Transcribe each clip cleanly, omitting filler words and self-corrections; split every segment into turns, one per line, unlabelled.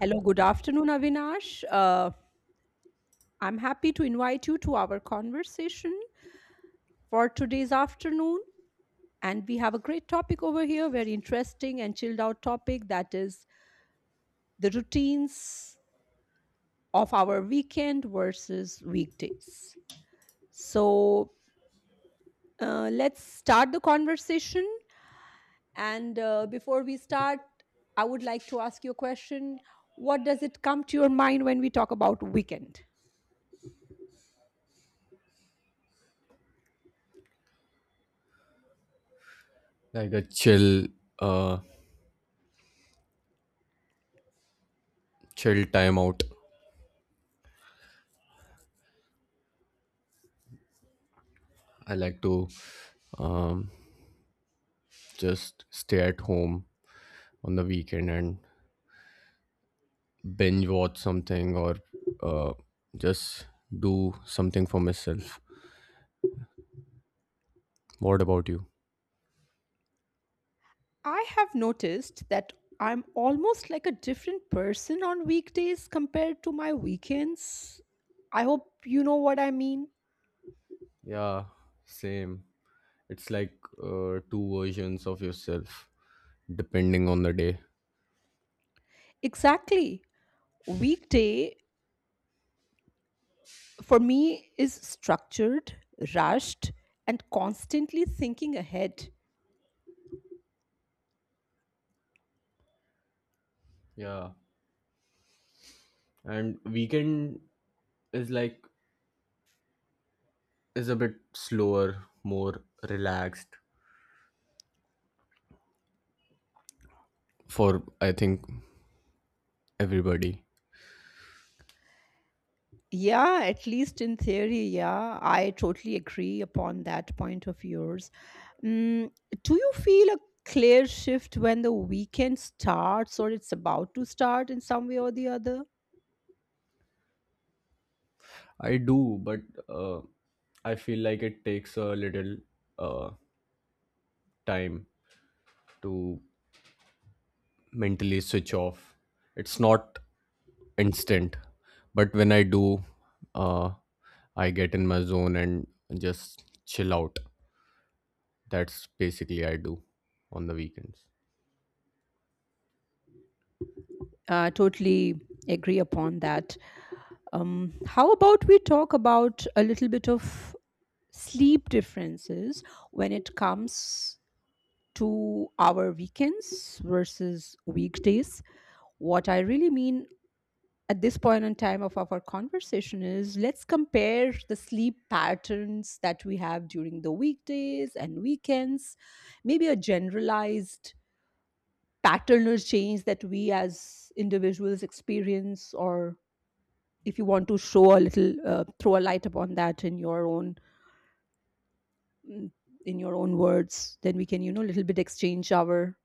Hello, good afternoon, Avinash. I'm happy to invite you to our conversation for today's afternoon. And we have a great topic over here, very interesting and chilled out topic, that is the routines of our weekend versus weekdays. So let's start the conversation. And before we start, I would like to ask you a question. What does it come to your mind when we talk about weekend?
Like a chill, uh chill time out. I like to um just stay at home on the weekend and binge watch something or uh just do something for myself. What about you?
I have noticed that I'm almost like a different person on weekdays compared to my weekends. I hope you know what I mean.
Yeah, same. It's like, two versions of yourself depending on the day.
Exactly. Weekday for me is structured, rushed, and constantly thinking ahead.
Yeah, and weekend is like, is a bit slower, more relaxed, for I think everybody.
Yeah, at least in theory, yeah, I totally agree upon that point of yours. Mm, do you feel a clear shift when the weekend starts or it's about to start in some way or the other?
I do, but uh, I feel like it takes a little uh, time to mentally switch off. It's not instant, but when I do, uh, I get in my zone and just chill out. That's basically I do on the weekends.
Totally agree upon that. How about we talk about a little bit of sleep differences when it comes to our weekends versus weekdays. What I really mean at this point in time of our conversation is, let's compare the sleep patterns that we have during the weekdays and weekends, maybe a generalized paternal change that we as individuals experience, or if you want to show a little throw a light upon that in your own mm, in your own words, then we can, you know, a little bit exchange our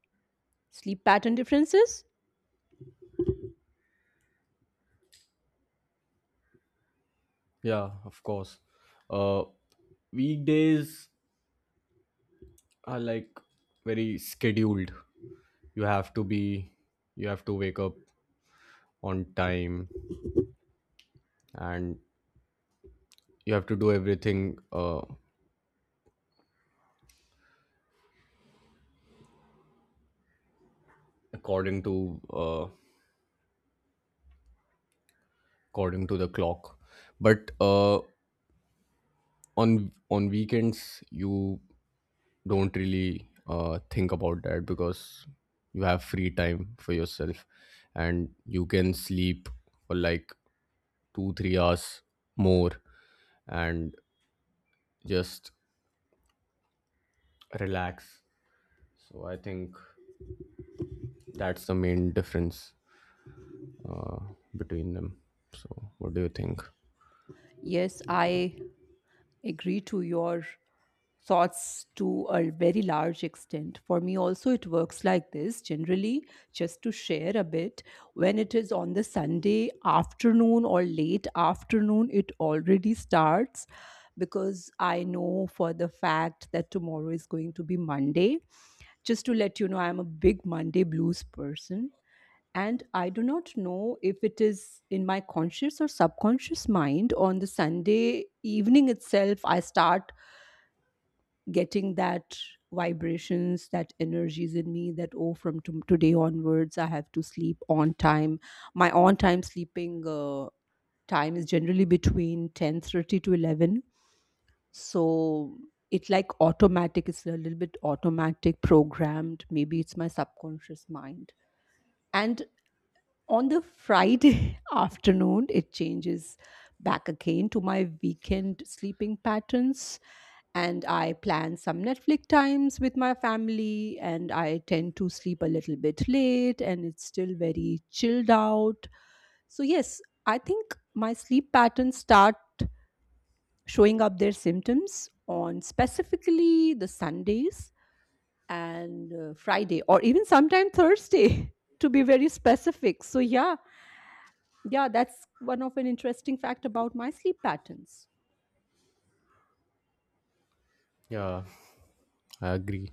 sleep pattern differences.
Yeah, of course. Uh, weekdays are like very scheduled. You have to be, you have to wake up on time, and you have to do everything according to according to the clock. But on weekends you don't really think about that because you have free time for yourself and you can sleep for like 2 3 hours more and just relax. So I think that's the main difference uh, between them. So what do you think?
Yes, I agree to your thoughts to a very large extent. For me, also, it works like this. Generally, just to share a bit, when it is on the Sunday afternoon or late afternoon, it already starts because I know for the fact that tomorrow is going to be Monday. Just to let you know, I'm a big Monday blues person, and I do not know if it is in my conscious or subconscious mind. On the Sunday evening itself, I start getting that vibrations, that energies in me that, oh, today onwards, I have to sleep on time. My on time sleeping time is generally between 10:30 to 11. So it like automatic, it's a little bit automatic, programmed. Maybe it's my subconscious mind. And on the Friday afternoon, it changes back again to my weekend sleeping patterns. And I plan some Netflix times with my family, and I tend to sleep a little bit late, and it's still very chilled out. So, yes, I think my sleep patterns start showing up their symptoms on specifically the Sundays and Friday, or even sometime Thursday, to be very specific. So, yeah, that's one of an interesting fact about my sleep patterns.
Yeah, I agree.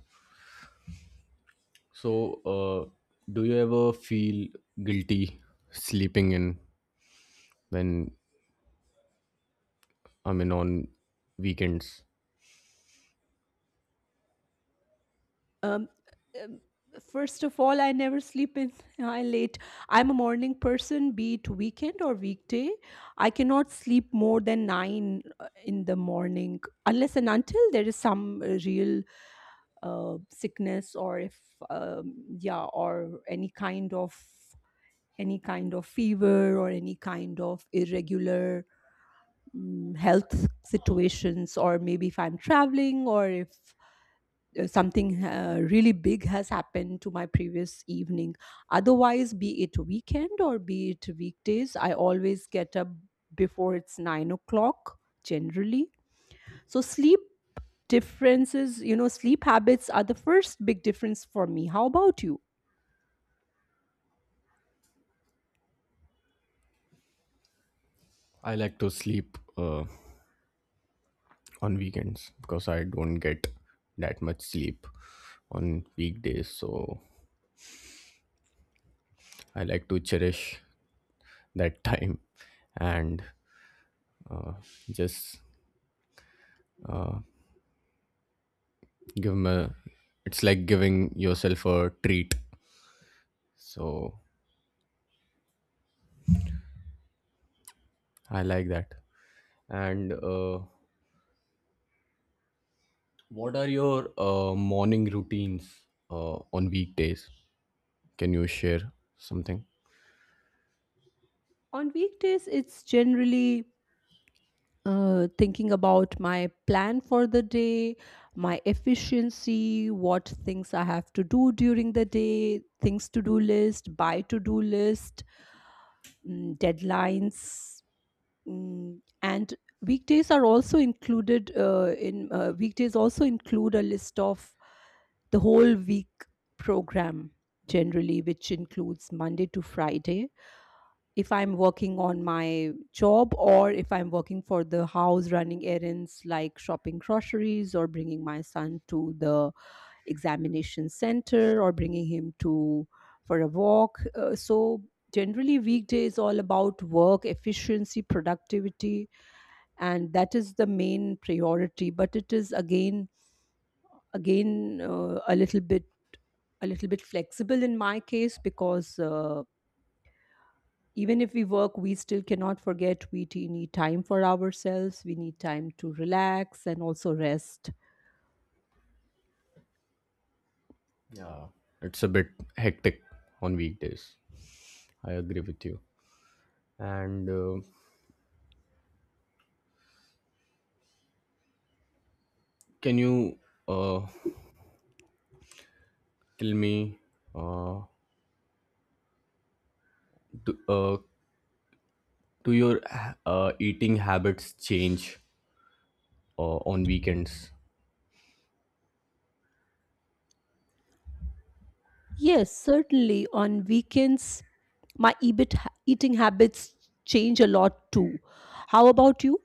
So, do you ever feel guilty sleeping in when, I mean, on weekends?
Um, um, First of all, I never sleep in I late. I'm a morning person, be it weekend or weekday. I cannot sleep more than nine in the morning, unless and until there is some real sickness, or if yeah, or any kind of fever, or any kind of irregular health situations, or maybe if I'm traveling, or if something really big has happened to my previous evening. Otherwise, be it weekend or be it weekdays, I always get up before it's 9 o'clock, generally. So sleep differences, you know, sleep habits are the first big difference for me. How about you?
I like to sleep on weekends because I don't get that much sleep on weekdays. So, I like to cherish that time and uh, just give me. It's like giving yourself a treat. So, I like that. And what are your morning routines on weekdays? Can you share something?
On weekdays it's generally thinking about my plan for the day, my efficiency, what things I have to do during the day, things to do list, buy to do list, deadlines, and weekdays are also included in weekdays also include a list of the whole week program, generally, which includes Monday to Friday. If I'm working on my job, or if I'm working for the house, running errands like shopping groceries, or bringing my son to the examination center, or bringing him to for a walk. So generally weekday is all about work efficiency, productivity, and that is the main priority, but it is again a little bit flexible in my case, because even if we work, we still cannot forget, we need time for ourselves, we need time to relax and also rest.
Yeah. It's a bit hectic on weekdays. I agree with you. And can you uh, tell me, uh, do, do your eating habits change on weekends?
Yes, certainly on weekends, my eating habits change a lot too. How about you?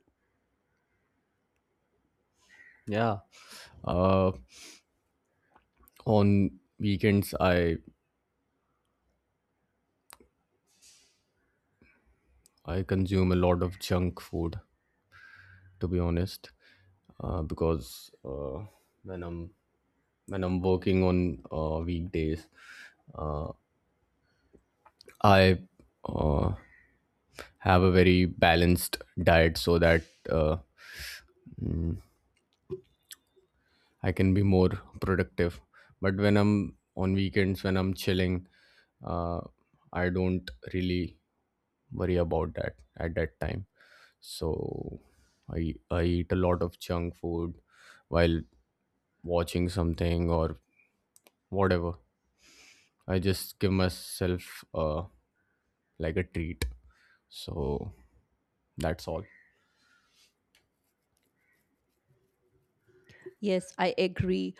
Yeah. Uh, on weekends, I consume a lot of junk food, to be honest, because when i'm when I'm working on weekdays, uh, I uh, have a very balanced diet so that uh, I can be more productive. But when I'm on weekends, when I'm chilling, uh, I don't really worry about that at that time. So i I eat a lot of junk food while watching something or whatever. I just give myself like a treat. So that's all.
Yes, I agree.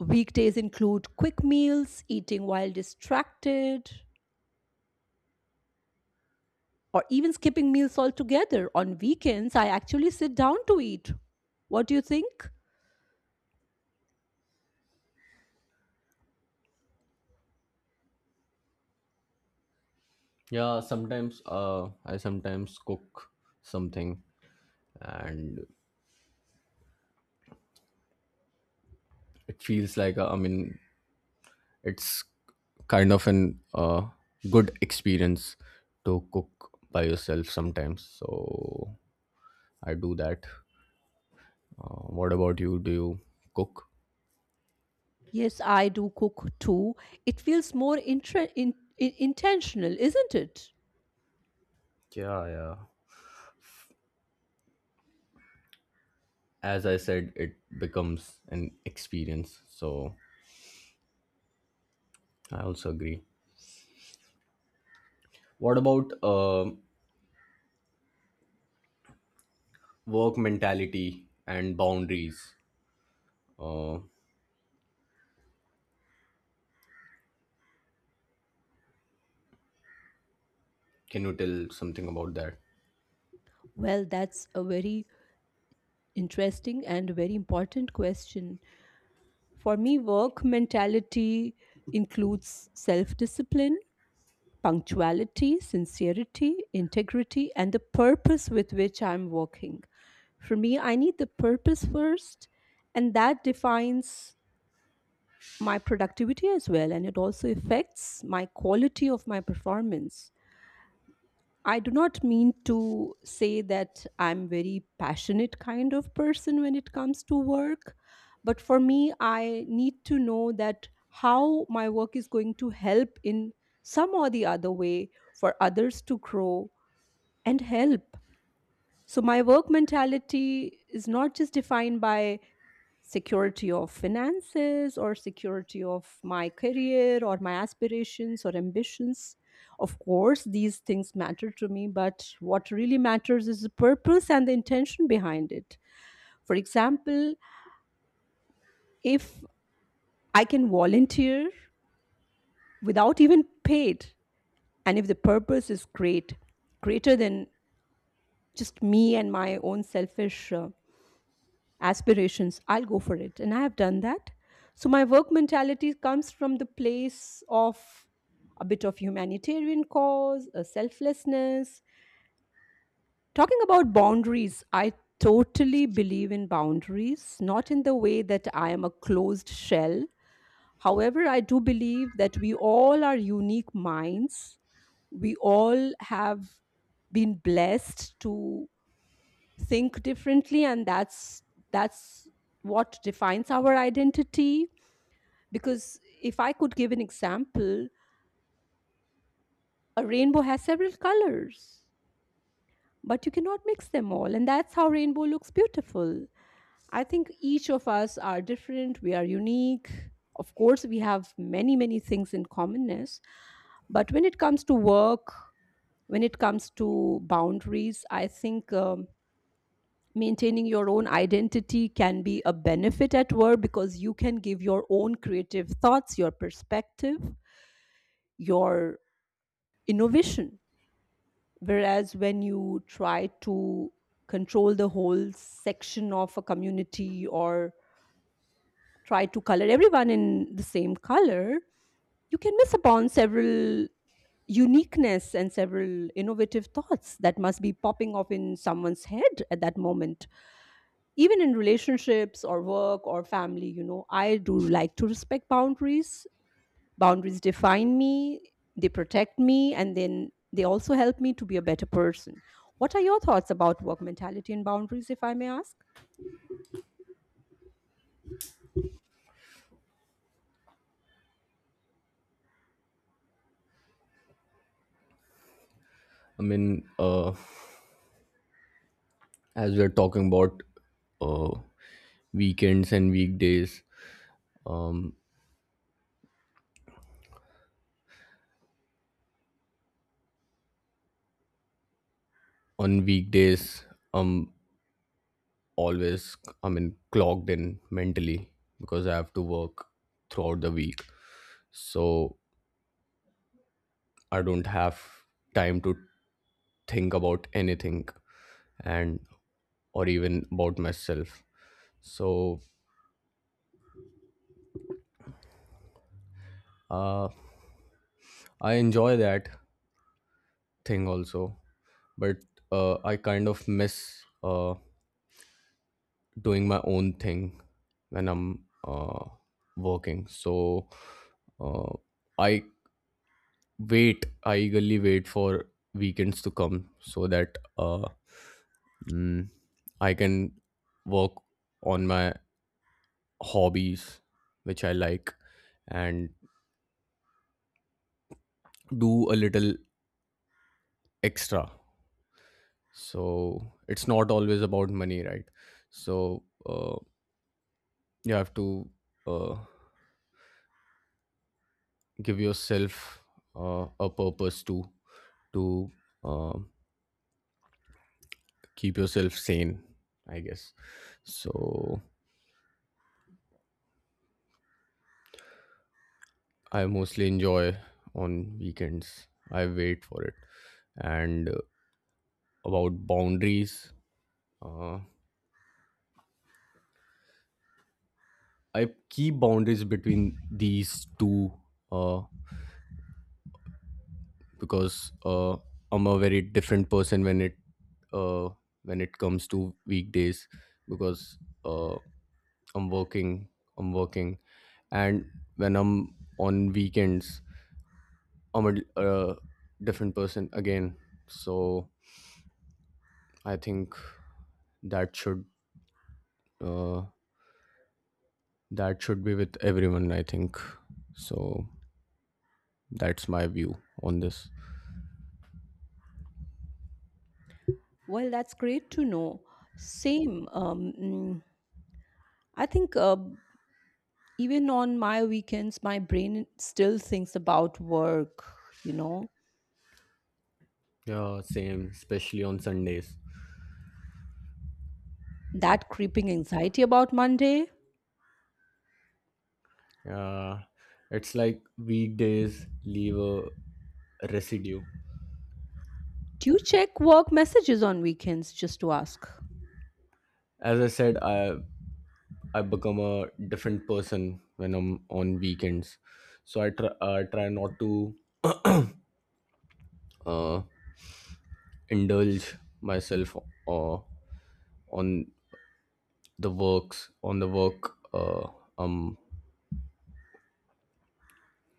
Weekdays include quick meals, eating while distracted, or even skipping meals altogether. On weekends, I actually sit down to eat. What do you think?
Yeah, sometimes I sometimes cook something, and it feels like, I mean, it's kind of an good experience to cook by yourself sometimes. So I do that. What about you? Do you cook?
Yes, I do cook too. It feels more intentional, isn't it?
Yeah, yeah. As I said, it becomes an experience. So I also agree. What about work mentality and boundaries? Uh, can you tell something about that?
Well, that's a very interesting and very important question. For me, work mentality includes self discipline, punctuality, sincerity, integrity, and the purpose with which I'm working. For me, I need the purpose first, and that defines my productivity as well, and it also affects my quality of my performance. I do not mean to say that I'm very passionate kind of person when it comes to work, but for me I need to know that how my work is going to help in some or the other way for others to grow and help. So my work mentality is not just defined by security of finances, or security of my career, or my aspirations or ambitions. Of course, these things matter to me, but what really matters is the purpose and the intention behind it. For example, if I can volunteer without even paid, and if the purpose is great, greater than just me and my own selfish aspirations, I'll go for it, and I have done that. So my work mentality comes from the place of a bit of humanitarian cause, a selflessness. Talking about boundaries, I totally believe in boundaries, not in the way that I am a closed shell. However, I do believe that we all are unique minds. We all have been blessed to think differently, and that's what defines our identity. Because, if I could give an example, a rainbow has several colors, but you cannot mix them all, and that's how rainbow looks beautiful. I think each of us are different, we are unique. Of course, we have many many things in commonness, but when it comes to work, when it comes to boundaries, I think maintaining your own identity can be a benefit at work, because you can give your own creative thoughts, your perspective, your innovation. Whereas when you try to control the whole section of a community, or try to color everyone in the same color, you can miss upon several uniqueness and several innovative thoughts that must be popping off in someone's head at that moment. Even in relationships or work or family, you know, I do like to respect boundaries. Boundaries define me, they protect me, and then they also help me to be a better person. What are your thoughts about work mentality and boundaries, if I may ask?
I mean, as we're talking about uh, weekends and weekdays, um, on weekdays, I'm always, I mean, clocked in mentally because I have to work throughout the week. So I don't have time to think about anything and or even about myself. So uh, I enjoy that thing also, but I kind of miss doing my own thing when I'm working. So uh, I I eagerly wait for weekends to come so that mm, I can work on my hobbies which I like and do a little extra. So it's not always about money, right? So you have to uh, give yourself a purpose to to uh, keep yourself sane, I guess. So I mostly enjoy on weekends. I wait for it. And about boundaries, uh, I keep boundaries between these two uh, because I'm a very different person uh, when it comes to weekdays because uh, I'm working, I'm working, and when I'm on weekends, I'm a different person again. So I think that should uh, that should be with everyone, I think. So that's my view on this.
Well, that's great to know. Same. I think even on my weekends, my brain still thinks about work, you know,
Yeah, same, especially on Sundays.
that creeping anxiety about Monday.
uh, it's like weekdays leave a residue.
Do you check work messages on weekends, just to ask?
As I said, I become a different person when I'm on weekends. So I try not to uh, indulge myself uh, on the work i'm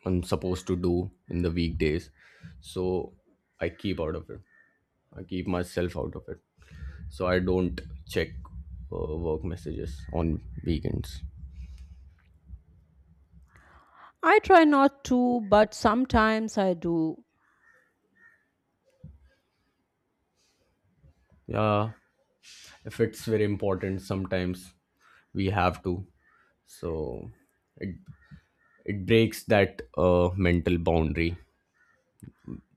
I'm supposed to do in the weekdays. So I keep out of it. I keep myself out of it. So I don't check work messages on weekends.
I try not to, but sometimes I do.
Yeah, if it's very important, sometimes we have to. So it breaks that mental boundary,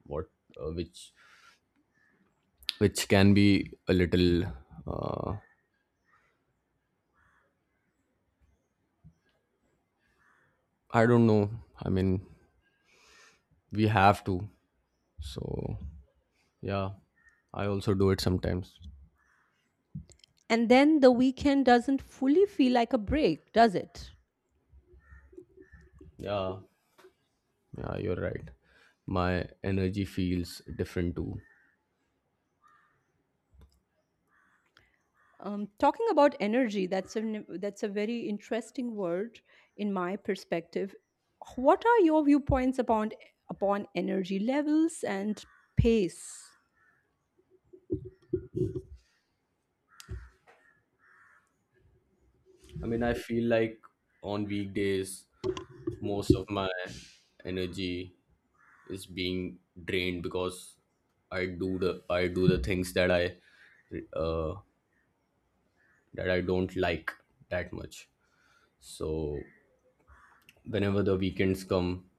what which can be a little. Uh, I don't know. I mean, we have to. So yeah, I also do it sometimes.
And then the weekend doesn't fully feel like a break, does it?
Yeah, yeah, you're right. My energy feels different too.
Talking about energy, that's a very interesting word in my perspective. What are your viewpoints upon, upon energy levels and pace?
I mean, I feel like on weekdays, most of my energy is being drained because I do the things uh, that I don't like that much. So whenever the weekends come,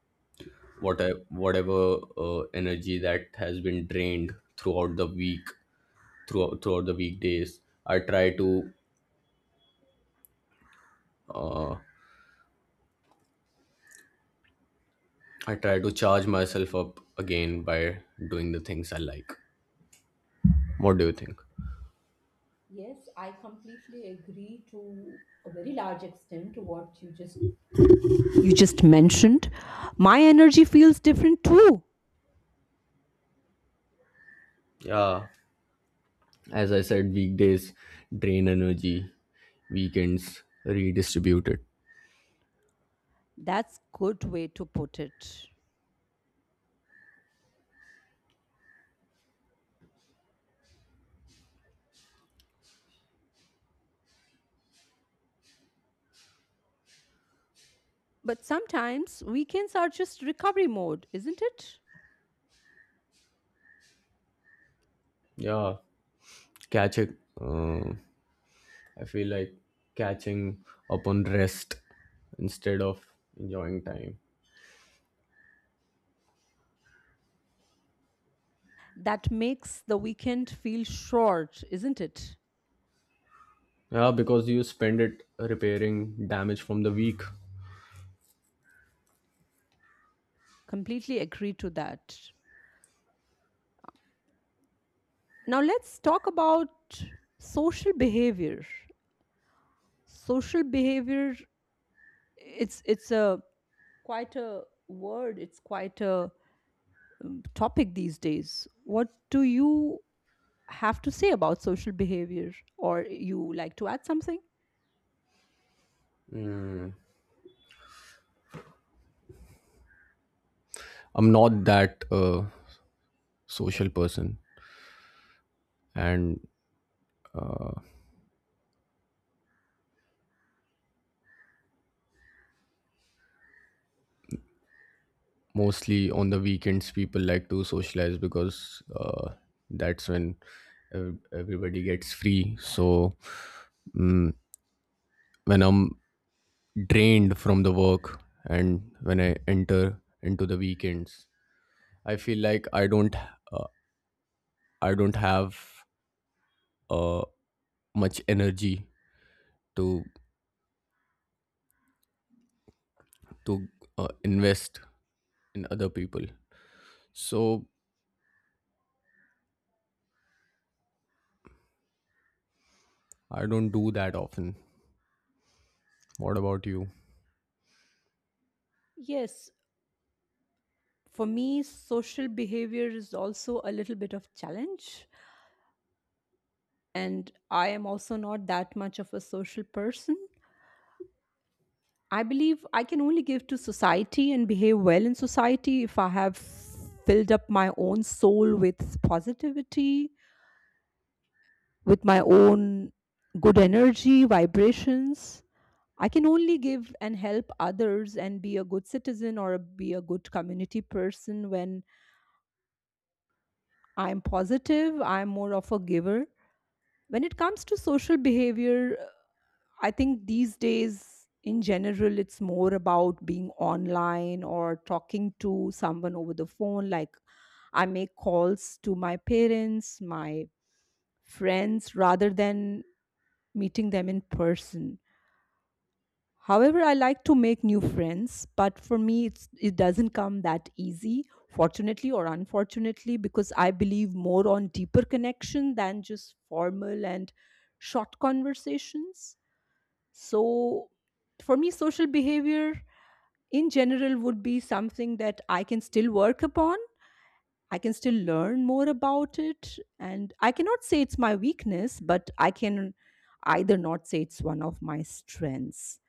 whatever energy that has been drained throughout the week, throughout the weekdays, I try to uh, I try to charge myself up again by doing the things I like. What do you think?
Yes, I completely agree to a very large extent to what you just mentioned, my energy feels different too.
Yeah, as I said, weekdays drain energy, weekends redistribute it.
That's good way to put it. But sometimes weekends are just recovery mode, isn't it?
Yeah, catch it. I feel like catching up on rest instead of enjoying time.
That makes the weekend feel short, isn't it?
Yeah, because you spend it repairing damage from the week.
Completely agree to that. Now let's talk about social behavior. Social behavior, it's a quite a word, it's quite a topic these days. What do you have to say about social behavior, or you like to add something?
I'm not that social person, and mostly on the weekends people like to socialize because that's when everybody gets free. So mm when I'm drained from the work and when I enter into the weekends, I feel like I don't uh, I don't have uh, much energy to to invest in other people. So I don't do that often. What about you?
Yes, for me, social behavior is also a little bit of challenge, and I am also not that much of a social person. I believe I can only give to society and behave well in society if I have filled up my own soul with positivity, with my own good energy, vibrations. I can only give and help others and be a good citizen or be a good community person when I'm positive, I'm more of a giver. When it comes to social behavior, I think these days in general, it's more about being online or talking to someone over the phone. Like, I make calls to my parents, my friends, rather than meeting them in person. However, I like to make new friends, but for me, it's, it doesn't come that easy, fortunately or unfortunately, because I believe more on deeper connection than just formal and short conversations. So, for me, social behavior in general would be something that I can still work upon. I can still learn more about it. And I cannot say it's my weakness, but I can either not say it's one of my strengths.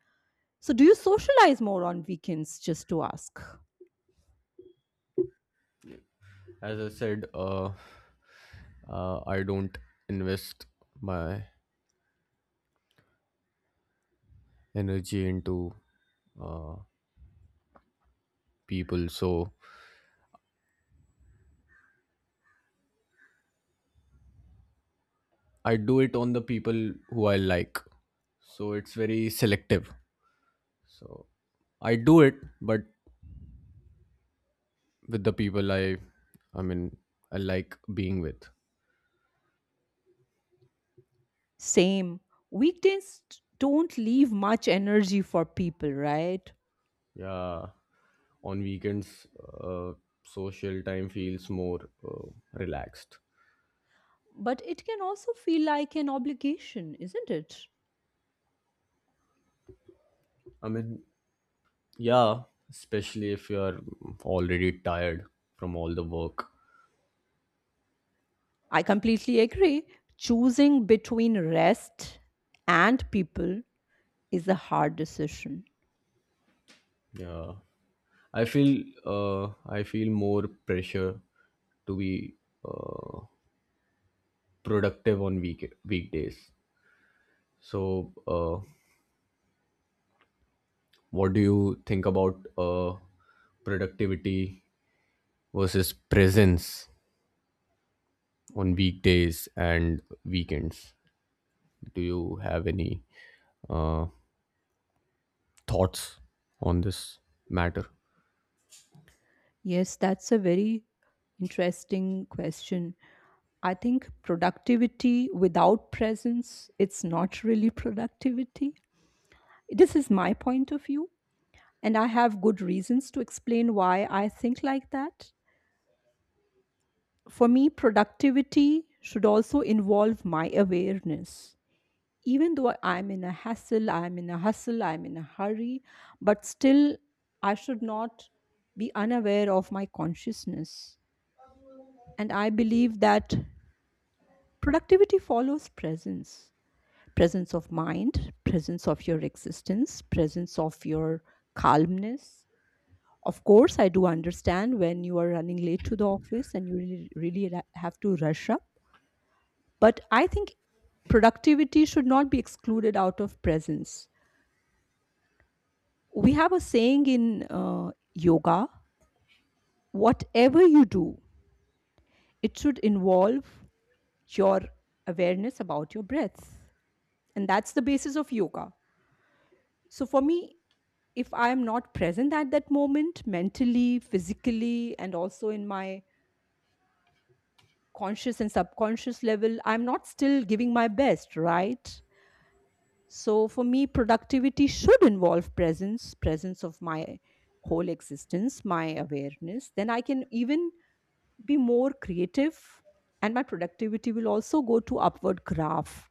So, do you socialize more on weekends? Just to ask.
As I said I don't invest my energy into uh, people. So I do it on the people who I like. So it's very selective. So I do it, but with the people I mean, I like being with.
Same. Weekdays don't leave much energy for people, right?
Yeah, on weekends, uh, social time feels more relaxed.
But it can also feel like an obligation, isn't it?
I mean, yeah, especially if you are already tired from all the work.
I completely agree. Choosing between rest and people is a hard decision.
Yeah, I feel more pressure to be uh, productive on weekdays. So, what do you think about productivity versus presence on weekdays and weekends? Do you have any uh, thoughts on this matter?
Yes, that's a very interesting question. I think productivity without presence, it's not really productivity. This is my point of view, and I have good reasons to explain why I think like that. For me, productivity should also involve my awareness. Even though I'm in a hassle, I'm in a hustle, I'm in a hurry, but still I should not be unaware of my consciousness. And I believe that productivity follows presence, presence of mind, presence of your existence, presence of your calmness. Of course, I do understand when you are running late to the office and you really, really have to rush up. But I think productivity should not be excluded out of presence. We have a saying in yoga, whatever you do, it should involve your awareness about your breath. And that's the basis of yoga. So for me, if I am not present at that moment, mentally, physically, and also in my conscious and subconscious level, I'm not still giving my best, right? So for me, productivity should involve presence, presence of my whole existence, my awareness. Then I can even be more creative, and my productivity will also go to upward graph.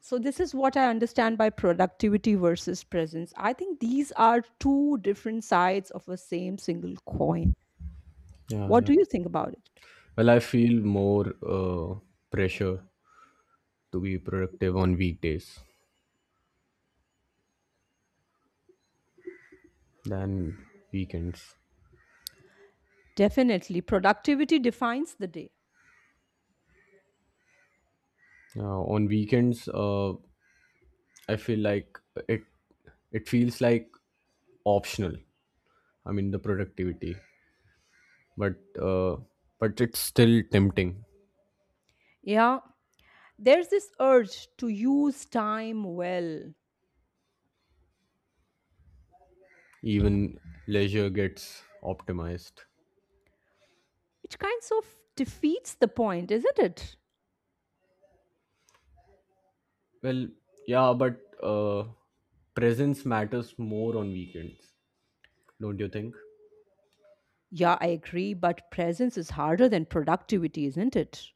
So this is what I understand by productivity versus presence. I think these are two different sides of a same single coin.
Yeah,
What
yeah.
do you think about it?
Well, I feel more pressure to be productive on weekdays than weekends.
Definitely, productivity defines the day.
On weekends, I feel like it it feels like optional. I mean, the productivity, but uh, but it's still tempting.
Yeah, there's this urge to use time well.
Even leisure gets optimized.
It kind of defeats the point, isn't it?
Well, yeah, but presence matters more on weekends, don't you think?
Yeah, I agree, but presence is harder than productivity, isn't it?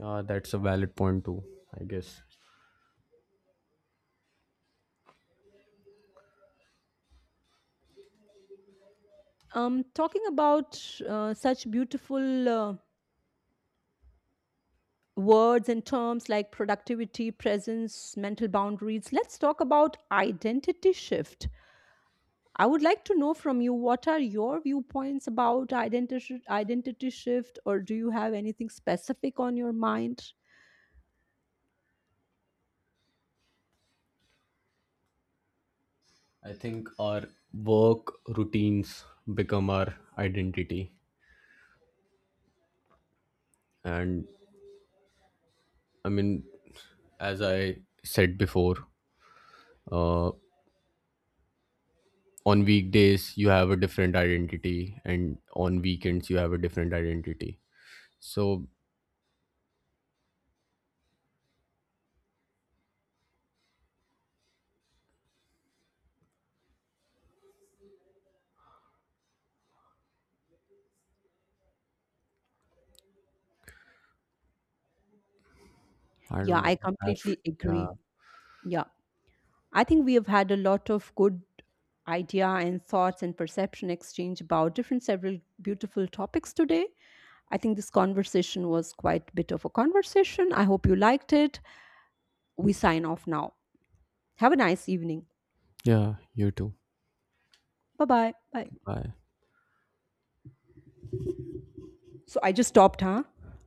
That's a valid point too, I guess.
Talking about such beautiful words and terms like productivity, presence, mental boundaries, let's talk about identity shift. I would like to know from you, what are your viewpoints about identity shift, or do you have anything specific on your mind?
I think our work routines become our identity, and I mean, as I said before, uh, on weekdays you have a different identity, and on weekends you have a different identity. So I
Yeah,
don't know.
I
I've,
completely
yeah,
agree. Yeah. I think we have had a lot of good idea and thoughts and perception exchange about different several beautiful topics today. I think this conversation was quite a bit of a conversation. I hope you liked it. We sign off now. Have a nice evening.
yeah, you too.
Bye bye. Bye.
Bye.
So I just stopped, huh?